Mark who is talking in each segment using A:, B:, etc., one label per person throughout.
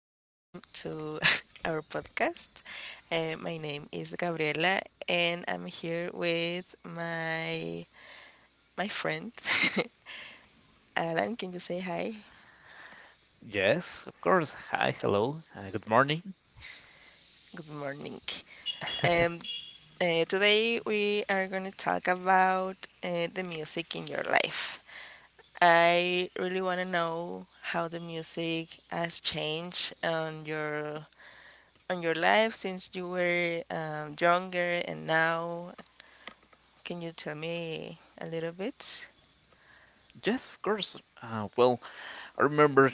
A: welcome to our podcast. My name is Gabriela, and I'm here with my friend Alan. Can you say hi?
B: Yes, of course. Hi, hello, good morning.
A: Good morning. Um, Today we are going to talk about the music in your life. I really want to know how the music has changed on your life since you were younger and now. Can you tell me a little bit?
B: Yes, of course. Uh, well, I remember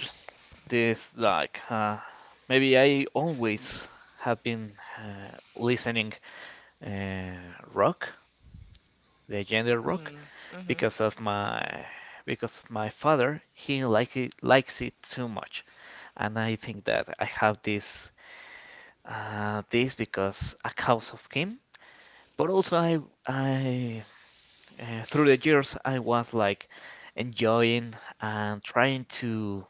B: this like maybe I always have been listening uh, rock, the genre rock,
A: Mm, mm-hmm,
B: because of my father he like it, likes it too much, and I think that I have this because a cause of him. But also I through the years I was like enjoying and trying to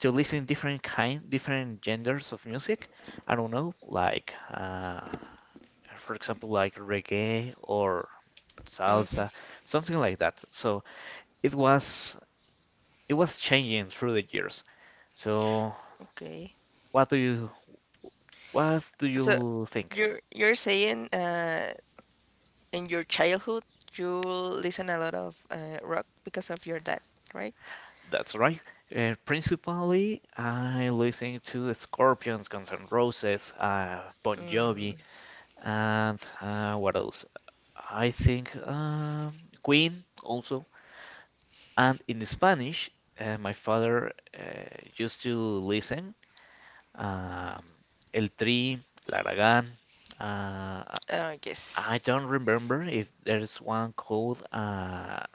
B: to listen different kind different genders of music. I don't know, like for example like reggae or
A: mm-hmm.
B: salsa, something like that. So it was it was changing through the years. So
A: Okay.
B: what do you what do
A: So
B: you think?
A: you're saying in your childhood you listen a lot of rock because of your dad, right?
B: That's right. Principally, I listen to Scorpions, Guns N' Roses, Bon Jovi. And what else? I think Queen also. And in Spanish, my father used to listen um, El Tri, El Aragán. Uh,
A: Yes.
B: I don't remember if there's one called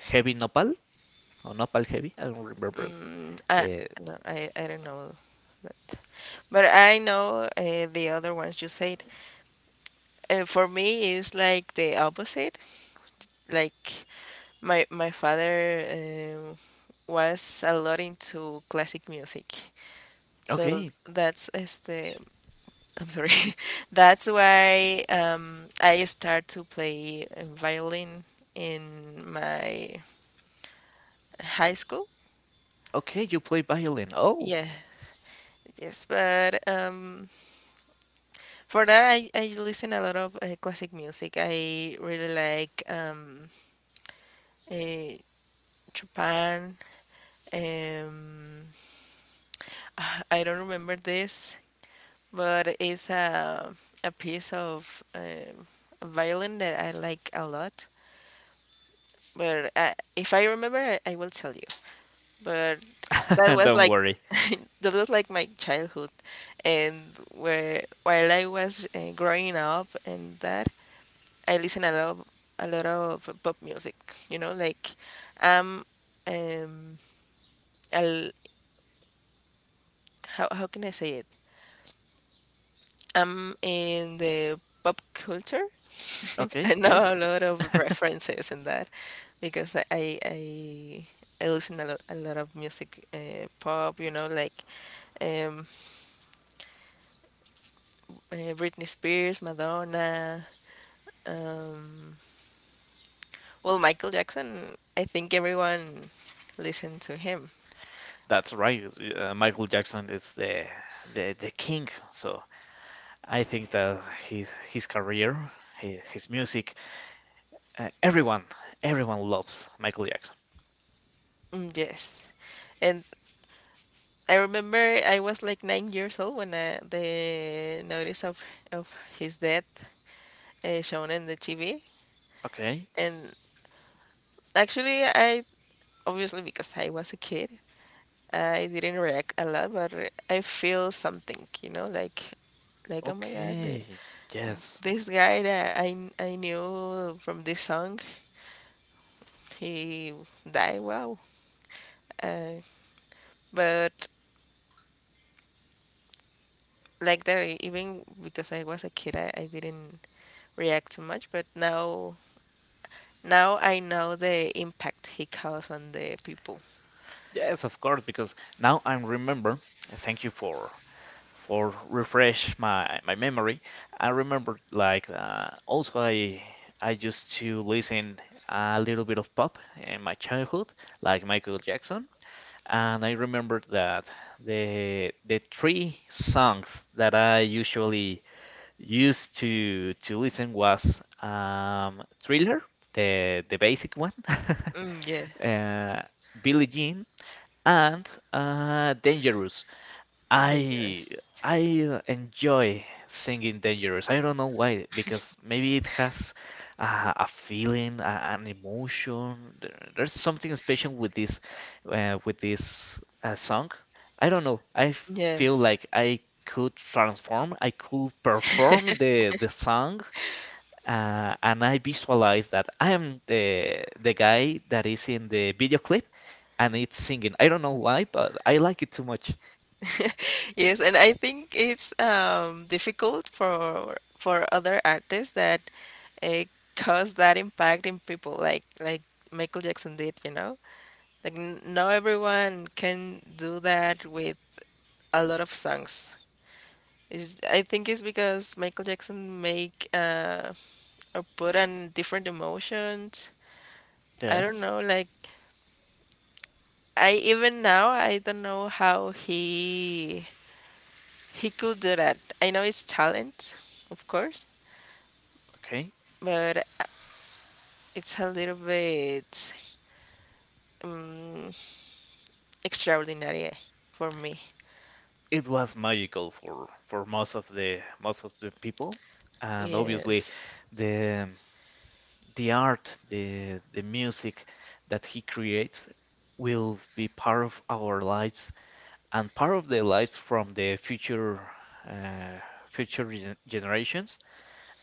B: Heavy Nopal or Nopal Heavy. I don't remember
A: Mm,
B: the.
A: no, I don't know that, but I know the other ones you said. For me, it's like the opposite. Like my father was a lot into classic music. So
B: Okay,
A: that's este I'm sorry. That's why I start to play violin in my high school.
B: okay, you play violin. Oh,
A: Yeah, yes, but for that, I listen a lot of classic music. I really like uh, Chopin. Um, I don't remember this, but it's a piece of violin that I like a lot. But if I remember, I will tell you. But that was
B: don't
A: like
B: worry.
A: that was like my childhood, and where while I was growing up and that, I listen a lot of pop music. Like um um I'll, how can I say it? I'm in the pop culture. I
B: Okay,
A: know a
B: yes.
A: lot of references in that because I listen a lot of music, pop, like um, Britney Spears, Madonna. Um, well, Michael Jackson. I think everyone listened to him.
B: That's right. Michael Jackson is the king. So I think that his career, his music, everyone loves Michael Jackson.
A: Mm, yes. And I remember I was like 9 years old when the notice of his death shown in the TV.
B: Okay,
A: And actually, I, obviously because I was a kid, I didn't react a lot, but I feel something, like oh my God,
B: okay, yes,
A: this guy that I knew from this song, he died. Wow. Uh, but like that, even because I was a kid, I didn't react too much. But now I know the impact he caused on the people.
B: yes, of course. Because now I remember. Thank you for refresh my memory. I remember like also I used to listen a little bit of pop in my childhood, like Michael Jackson. And I remembered that the three songs that I usually used to listen was Thriller, the basic one,
A: Mm, yeah,
B: uh, Billie Jean, and Dangerous. I
A: Dangerous.
B: I enjoy singing Dangerous. I don't know why, because maybe it has a feeling, an emotion. There's something special with this song. I don't know. I f-
A: Yeah.
B: feel like I could transform. I could perform the song, and I visualize that I am the guy that is in the video clip, and it's singing. I don't know why, but I like it too much.
A: Yes, and I think it's difficult for other artists that uh, cause that impact in people, like Michael Jackson did. Like not everyone can do that with a lot of songs. I think it's because Michael Jackson make or put on different emotions. I don't
B: Yes.
A: know, like I even now I don't know how he could do that. I know it's talent, of course,
B: Okay.
A: but it's a little bit um, extraordinary for me.
B: It was magical for most of the people, and obviously
A: Yes,
B: the the art, the music that he creates will be part of our lives and part of the lives from the future uh, future generations,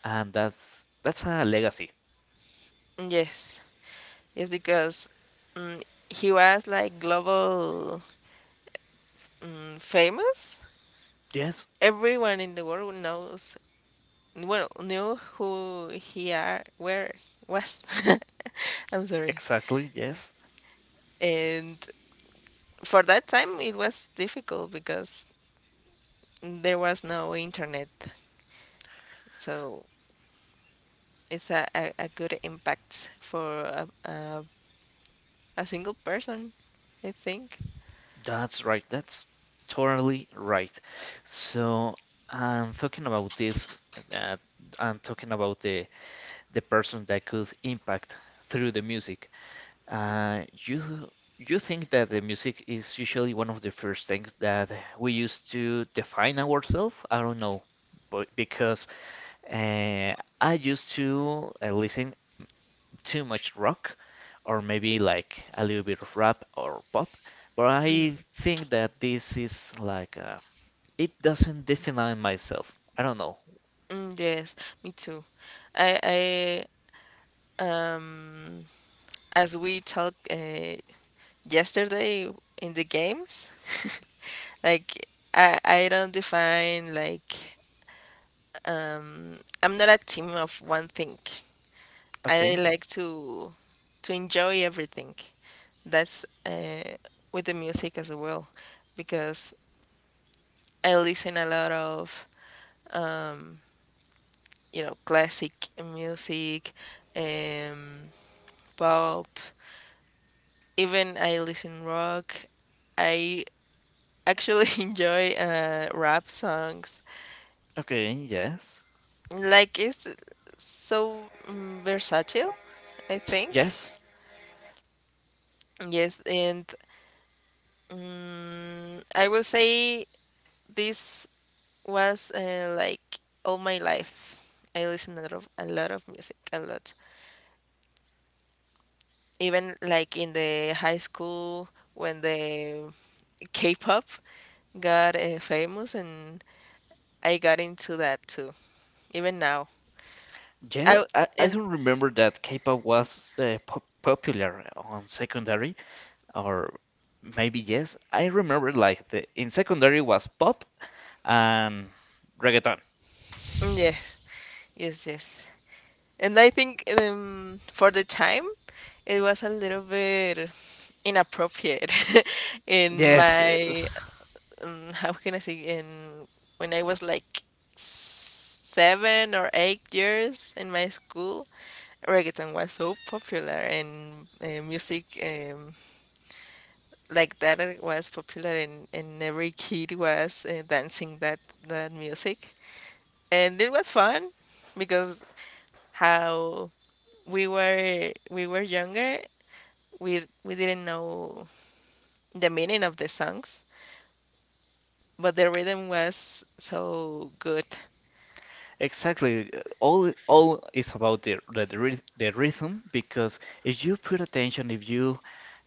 B: and that's a legacy.
A: yes, yes, because um, he was like global famous.
B: Yes,
A: Everyone in the world knows, well, knew who he are, where was. I'm sorry.
B: exactly, yes.
A: And for that time, it was difficult because there was no internet, so it's a good impact for a single person, I think.
B: That's right. That's totally right. So I'm talking about this. Uh, I'm talking about the person that could impact through the music. Uh, you you think that the music is usually one of the first things that we use to define ourselves? I don't know, but because uh, I used to listen too much rock or maybe like a little bit of rap or pop, but I think that this is like it doesn't define myself. I don't know.
A: Mm, yes, me too. I um, as we talked yesterday in the games, like I don't define like um, I'm not a team of one thing. I
B: Okay,
A: like to enjoy everything. That's with the music as well, because I listen a lot of um, classic music, um, pop. Even I listen rock. I actually enjoy rap songs.
B: okay, yes,
A: Like it's so versatile, I think.
B: yes,
A: Yes, and I will say this was like all my life. I listen a lot of music, a lot. Even like in the high school when the K-pop got famous, and I got into that too. Even now,
B: yeah.
A: I
B: I
A: and
B: don't remember that K-pop was po popular on secondary or maybe yes. I remember like the in secondary was pop and reggaeton.
A: yes, yes, yes. And I think for the time, it was a little bit inappropriate in
B: Yes.
A: my how can I say, in when I was like 7 or 8 years in my school, reggaeton was so popular, and music like that, it was popular, and every kid was dancing that music, and it was fun because how we were younger, we didn't know the meaning of the songs, but the rhythm was so good.
B: Exactly. All is about the rhythm because if you put attention, if you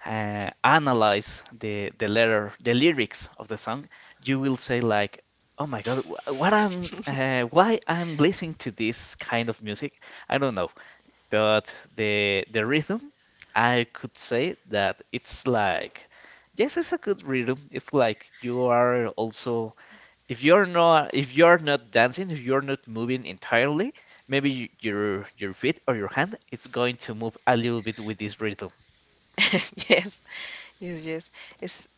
B: analyze the letter, the lyrics of the song, you will say like, "Oh my God, wh- what I'm why I'm listening to this kind of music? I don't know." But the rhythm, I could say that it's like, yes, it's a good rhythm. It's like you are also if you're not dancing if you're not moving entirely, maybe your feet or your hand is going to move a little bit with this rhythm.
A: Yes, yes, yes. it's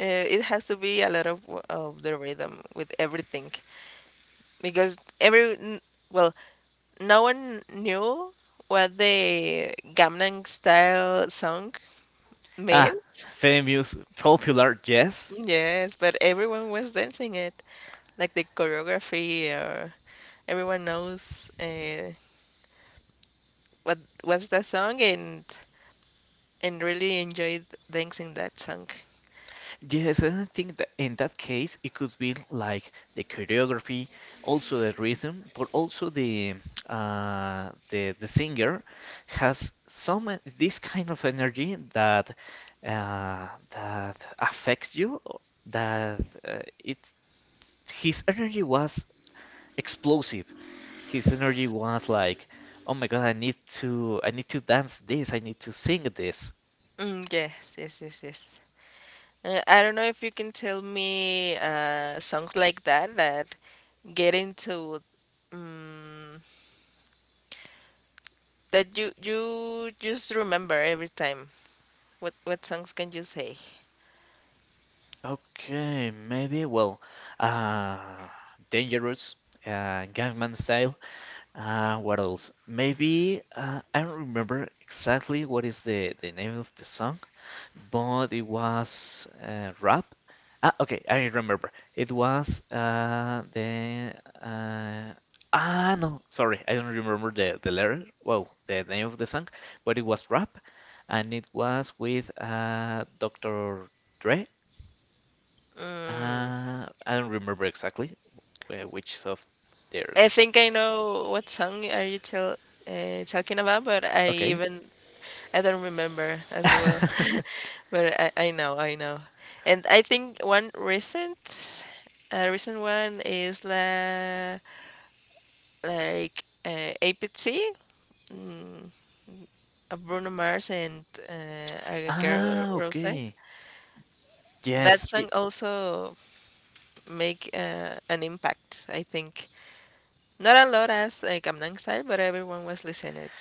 A: it has to be a lot of the rhythm with everything, because well, no one knew what the Gangnam Style song
B: Ah,
A: means.
B: famous, popular, yes,
A: Yes, but everyone was dancing it, like the choreography, or everyone knows what was the song and really enjoyed dancing that song.
B: yes. And I think that in that case it could be like the choreography, also the rhythm, but also the singer has some, this kind of energy that that affects you, that it his energy was explosive. His energy was like, "Oh my God, I need to dance this. I need to sing this."
A: Mm, yes, yes, yes, yes. I don't know if you can tell me songs like that that get into um, that you just remember every time. What songs can you say?
B: Okay, maybe. Well, uh, Dangerous, Gangnam Style. What else? Maybe I don't remember exactly what is the name of the song, but it was rap. Ah, okay, I remember. It was the uh, ah, no, sorry, I don't remember the letter. Wow, the name of the song, but it was rap, and it was with Dr. Dre.
A: Mm,
B: I don't remember exactly where, which of their.
A: I think I know what song are you talking about, but I
B: Okay.
A: even I don't remember as well. But I know, I know. And I think one recent a recent one is like APT, mm, of Bruno Mars and a girl
B: Ah,
A: Rose.
B: okay.
A: That
B: Yes, i
A: song also make an impact, I think. Not a lot as like I'm excited, but everyone was listening it.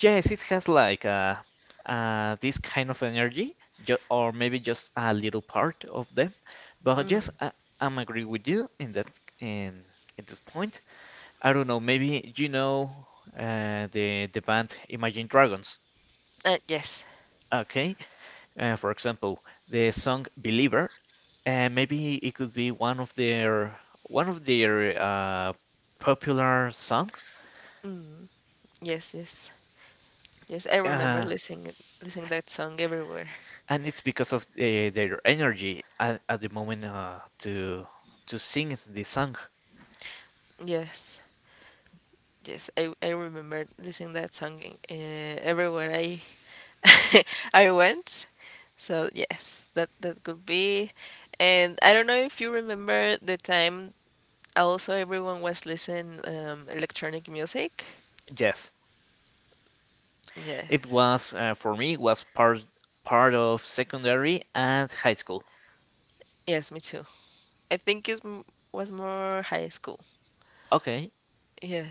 B: Yes, it has like this kind of energy, ju or maybe just a little part of them. But yes,
A: Mm.
B: I'm agree with you in at this point. I don't know, maybe you know the band Imagine Dragons.
A: Yes,
B: Okay, for example, the song "Believer," maybe it could be one of their popular songs.
A: yes, yes, yes. I remember
B: Uh,
A: listening that song everywhere.
B: and it's because of their energy at the moment to sing the song.
A: Yes, yes. I remember listening that song everywhere I I went. So yes, that could be. And I don't know if you remember the time. Also, everyone was listening electronic music.
B: Yes, it
A: Yes,
B: was for me was part of secondary and high school.
A: yes, me too. I think it was more high school.
B: Okay,
A: Yeah.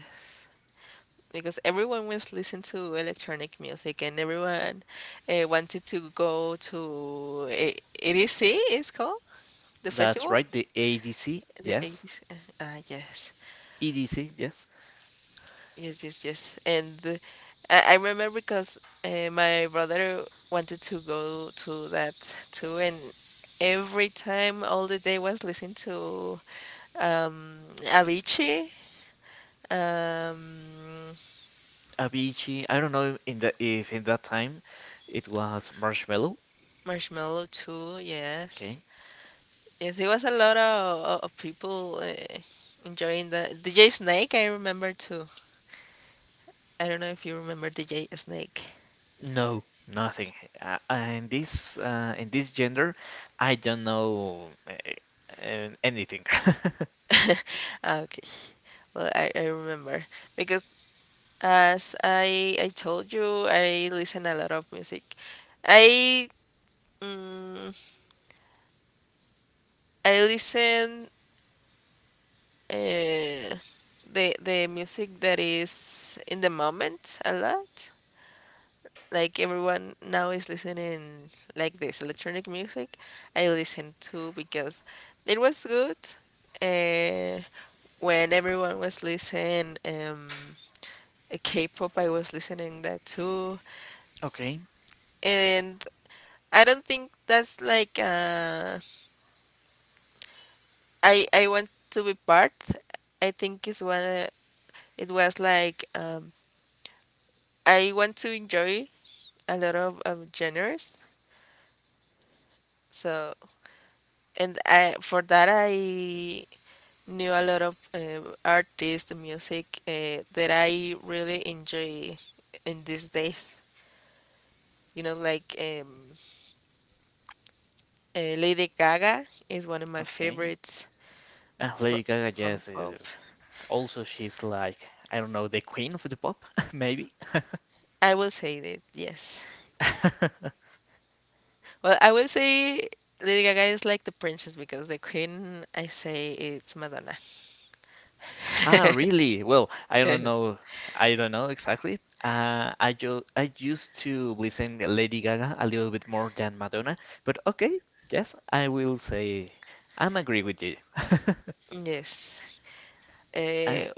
A: Because everyone was listening to electronic music and everyone wanted to go to ADC, it's called the
B: that's
A: festival,
B: right. The ADC,
A: the
B: yes,
A: 80s. Yes,
B: EDC, yes.
A: yes, yes, yes. And I remember because my brother wanted to go to that too, and every time all the day was listening to um, Avicii, um,
B: Avicii. I don't know in the if in that time it was Marshmello.
A: Marshmallow too, yes.
B: Okay,
A: Yes, it was a lot of people enjoying the DJ Snake. I remember too. I don't know if you remember DJ Snake.
B: no, nothing. In this gender, I don't know anything.
A: Okay, well I remember because as I told you, I listen a lot of music. I mm, I listen uh, the music that is in the moment a lot. Like everyone now is listening like this electronic music, I listen to because it was good. uh, when everyone was listening K-pop, I was listening that too.
B: Okay.
A: And I don't think that's like I want to be part. I think it's when it was like I want to enjoy a lot of genres. So, and I for that, I knew a lot of artists, music that I really enjoy in these days. Like Lady Gaga is one of my
B: Okay.
A: favorites
B: And
A: from
B: Lady Gaga,
A: from
B: yes.
A: pop.
B: is- Also, she's like, I don't know, the queen of the pop, maybe?
A: I will say that yes. Well, I will say Lady Gaga is like the princess because the queen I say it's Madonna.
B: Ah, really? Well, I don't know. I don't know exactly. I used to listen Lady Gaga a little bit more than Madonna, but okay, yes, I will say I'm agree with you.
A: Yes. Yes.
B: Uh,
A: Uh,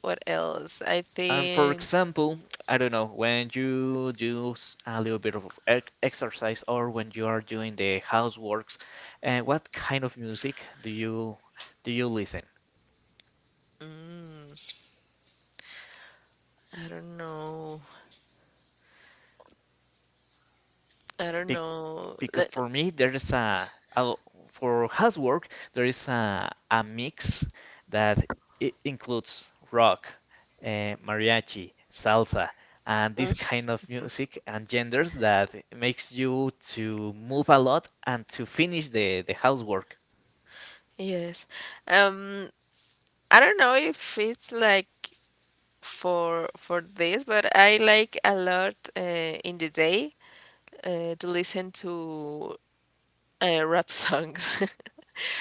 A: what else? I
B: And for
A: think.
B: example, I don't know, when you do a little bit of exercise or when you are doing the houseworks, what kind of music do you listen?
A: Mm, I don't know. I don't
B: Be
A: know.
B: because
A: Let,
B: for me there is a- for housework there is a mix that it includes rock, uh, mariachi, salsa, and this kind of music and genders that makes you to move a lot and to finish the housework.
A: Yes. Um, I don't know if it's like for this, but I like a lot in the day to listen to rap songs.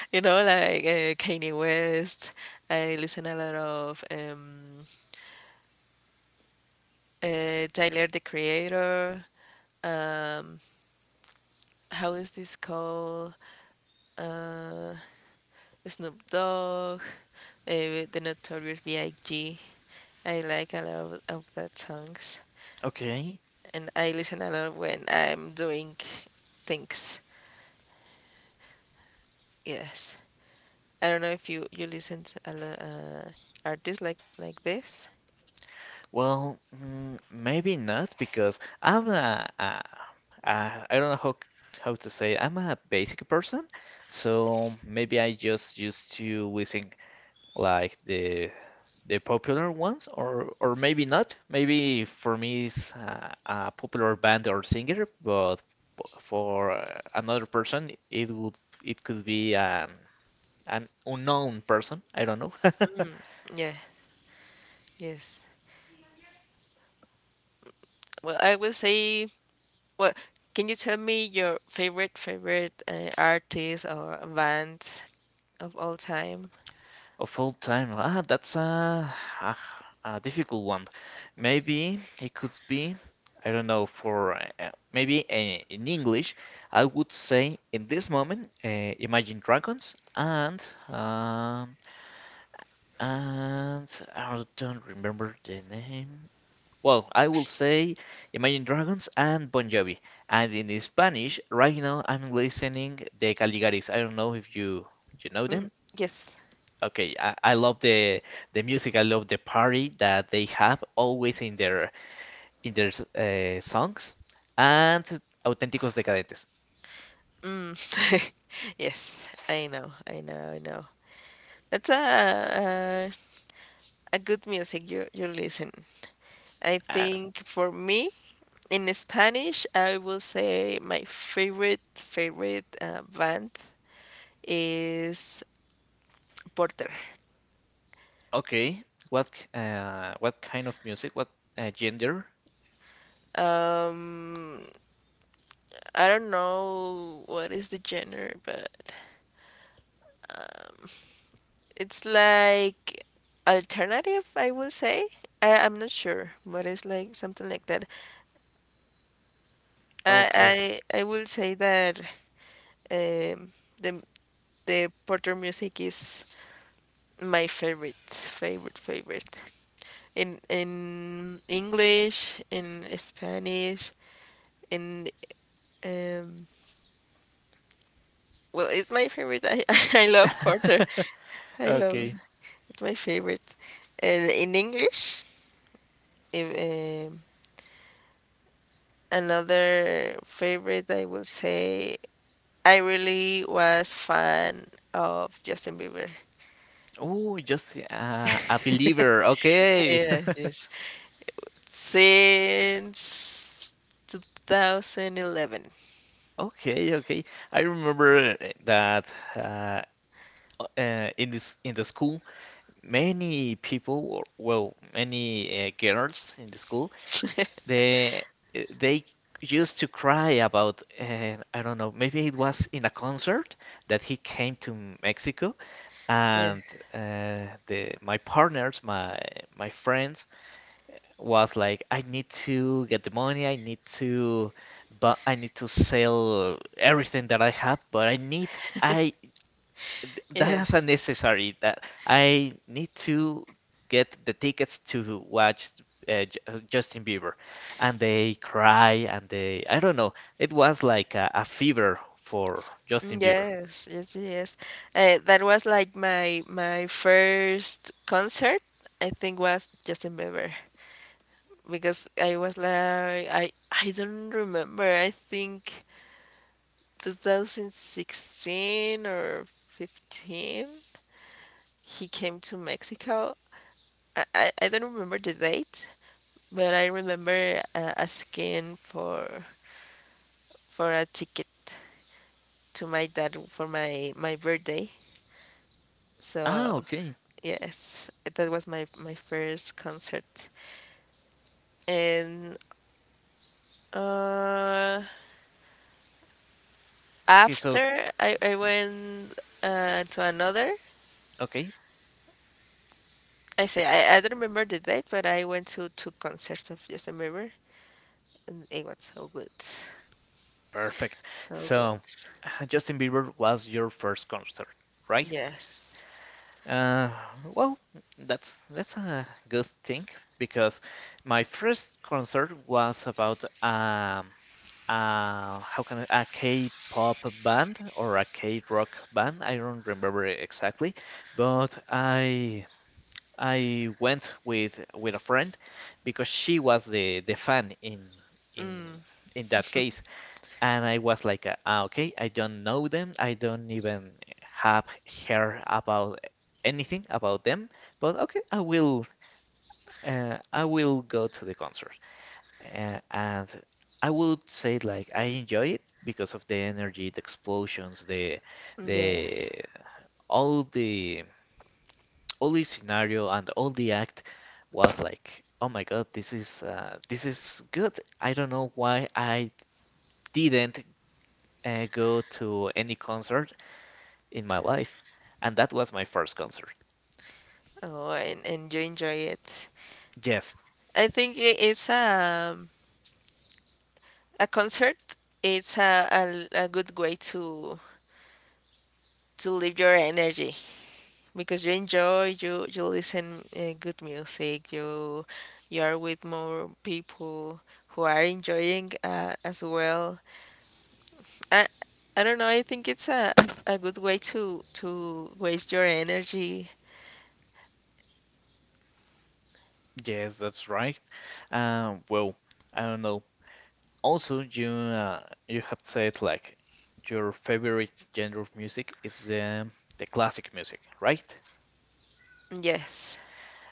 A: Like Kanye West. I listen a lot of Tyler the Creator. Um, how is this called? Uh, Snoop Dogg, The Notorious B.I.G. I G. I like a lot of that songs,
B: Okay.
A: and I listen a lot when I'm doing things. Yes, I don't know if you listen to a lot artists like this.
B: Well, maybe not because I'm a I don't know how to say it. I'm a basic person, so maybe I just used to listen like the popular ones, or maybe not. Maybe for me it's a popular band or singer, but for another person it would it could be an unknown person. I don't know.
A: Yeah, yes. Well, I will say. Well, can you tell me your favorite favorite artist or band of all time?
B: Of all time, ah, that's a a difficult one. Maybe it could be, I don't know, for maybe in English, I would say in this moment, Imagine Dragons and um, and I don't remember the name. Well, I will say Imagine Dragons and Bon Jovi. And in Spanish, right now I'm listening the Caligaris. I don't know if you know
A: Mm,
B: them.
A: yes.
B: Okay, I love the music. I love the party that they have always in their songs and Auténticos Decadentes.
A: Mm. Yes, I know, I know, I know. That's a good music you listen. I
B: Uh,
A: think for me in Spanish, I will say my favorite favorite band is Porter.
B: okay, what kind of music? What gender?
A: Um, I don't know what is the genre, but it's like alternative. I will say I'm not sure, but it's like something like that.
B: Okay,
A: I I I will say that um, the the Porter music is my favorite favorite favorite in English, in Spanish, in um well, it's my favorite. I I love Porter. I love.
B: okay.
A: It's my favorite. And in English, if, another favorite, I will say, I really was fan of Justin Bieber.
B: Oh, just a believer. Okay,
A: Yeah, yes, since 2011.
B: okay, okay. I remember that uh, in the school many people, or well, many girls in the school, they they used to cry about, I don't know, maybe it was in a concert that he came to Mexico,
A: Yeah,
B: and the my partners, my friends, was like, I need to get the money, I need to, but I need to sell everything that I have, but I need, that
A: yeah.
B: is unnecessary. That I need to get the tickets to watch Justin Bieber, and they cry and they, I don't know. It was like a fever for Justin Bieber.
A: Yes, yes, yes. That was like my first concert. I think was Justin Bieber because I was like I don't remember. I think 2016 or 15. He came to Mexico. I don't remember the date, but I remember asking for a ticket to my dad for my birthday.
B: Ah,
A: So.
B: okay,
A: Yes, that was my first concert. And uh
B: okay, so
A: after I went to another.
B: okay,
A: I say, I don't remember the date, but I went to two concerts of Justin Bieber and it was so good.
B: perfect.
A: So good.
B: So Justin Bieber was your first concert, right?
A: Yes.
B: Uh, well, that's a good thing because my first concert was about how can I, a K-pop band or a K-rock band. I don't remember exactly, but I went with a friend because she was the fan in
A: Mm,
B: in that case, and I was like, "Ah, okay, I don't know them. I don't even have heard about anything about them, but okay, I will go to the concert. And I would say like I enjoy it because of the energy, the explosions,
A: yes.
B: the all the all the scenario and all the act was like, oh my God, this is good. I don't know why I didn't go to any concert in my life, and that was my first concert.
A: Oh, and you enjoy it.
B: Yes,
A: I think it's a concert. It's a good way to live your energy. Because you enjoy, you listen good music, you are with more people who are enjoying as well. I, I don't know, I think it's a good way to waste your energy.
B: yes, that's right. Um, well, I don't know. Also, you have said like your favorite genre of music is the classic music, right?
A: Yes,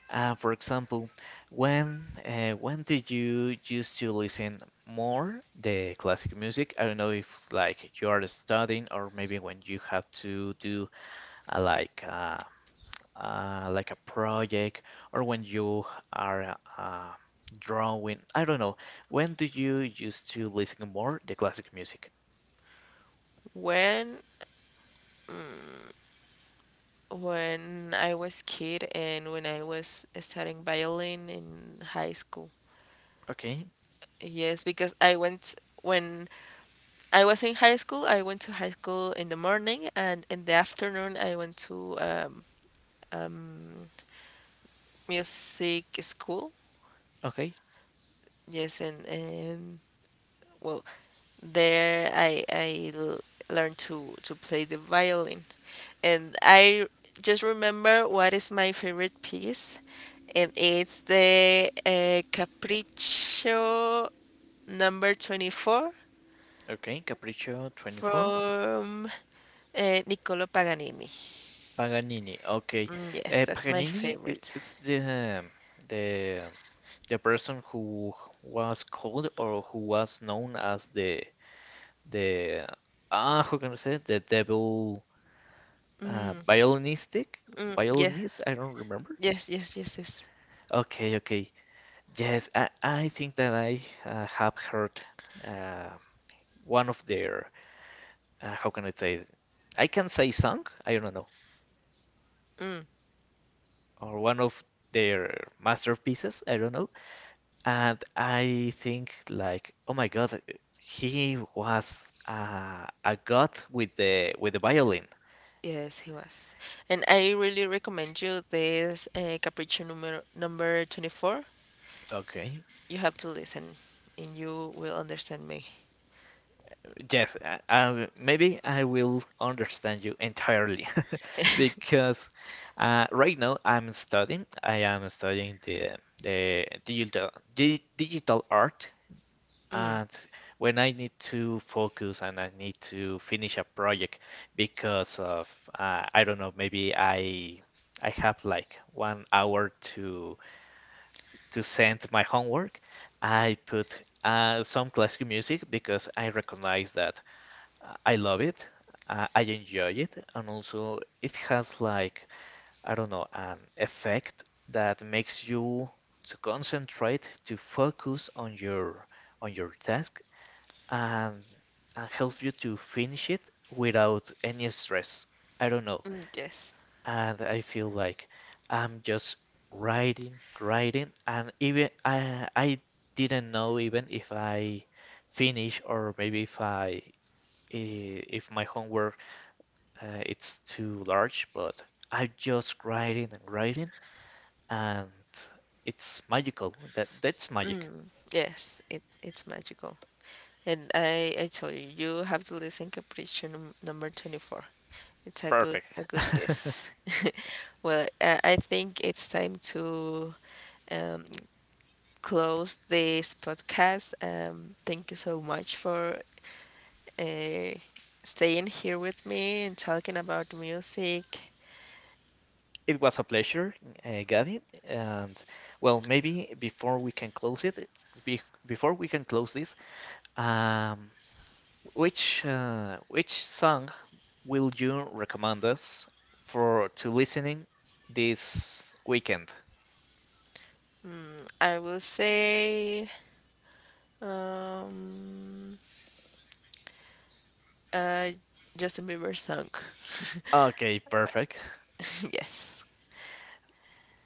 B: For example, when did you used to listen more the classic music? I don't know if like you are studying or maybe when you have to do uh, like uh, like a project or when you are drawing. I don't know. When do you used to listen more the classic music?
A: when when I was kid and when I was studying violin in high school.
B: Okay.
A: Yes, because I went when I was in high school, I went to high school in the morning and in the afternoon I went to um, music school.
B: Okay,
A: Yes, and well, there I learned to play the violin, and I just remember what is my favorite piece, and it's the Capriccio number 24
B: okay, Capriccio 24.
A: from Niccolo Paganini.
B: Paganini, okay.
A: Mm, yes, that's my
B: Paganini
A: favorite.
B: is the the person who was called or who was known as the ah, how can I say it? The devil uh, violinistic
A: Mm, yeah,
B: violinist? I don't remember.
A: yes, yes, yes, yes.
B: Okay, okay, yes, I think that I have heard uh, one of their how can I say it? I can say song. I don't know. Or one of their masterpieces, I don't know. And I think like, oh my God, he was a god with the violin.
A: Yes, he was. And I really recommend you this Capriccio number 24.
B: Okay.
A: You have to listen and you will understand me.
B: Yes, maybe I will understand you entirely because right now I'm studying. I am studying the digital di digital art.
A: Mm,
B: And when I need to focus and I need to finish a project because of I don't know, maybe I have like 1 hour to send my homework, I put some classical music because I recognize that I love it, I enjoy it, and also it has like I don't know an effect that makes you to concentrate, to focus on your task and and helps you to finish it without any stress. I don't know.
A: mm, yes,
B: And I feel like I'm just writing, writing, and even I didn't know even if I finish or maybe if my homework it's too large, but I'm just writing and writing, and it's magical. That's magic.
A: yes, it's magical. And I tell you, you have to listen Capriccio number 24. It's a good
B: Perfect.
A: a good piece. Well, I think it's time to um, close this podcast. Thank you so much for uh, staying here with me and talking about music.
B: It was a pleasure, Gabby. And well, maybe before we can close it, before we can close this, um, which song will you recommend us for to listening this weekend?
A: I will say um, uh, Justin Bieber song.
B: Okay, perfect.
A: Yes.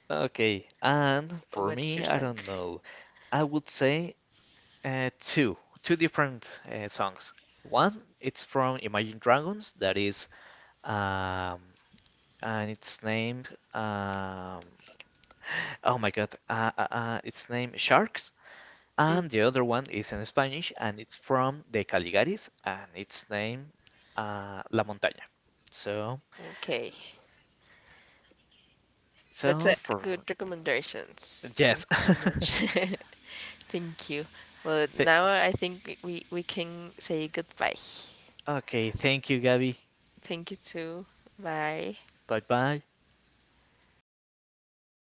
B: Okay, and for
A: What's your
B: me, I
A: song?
B: don't know. I would say uh, two, two different songs. One, it's from Imagine Dragons, that is um, and it's named oh my god, it's named Sharks,
A: Mm,
B: and the other one is in Spanish, and it's from the Caligaris, and it's named La Montaña. So,
A: okay. That's
B: so
A: a
B: for
A: good recommendations.
B: yes.
A: Thank you so much. Thank you. Well, now I think we can say goodbye.
B: Okay, thank you, Gabby.
A: Thank you too. Bye.
B: Bye bye.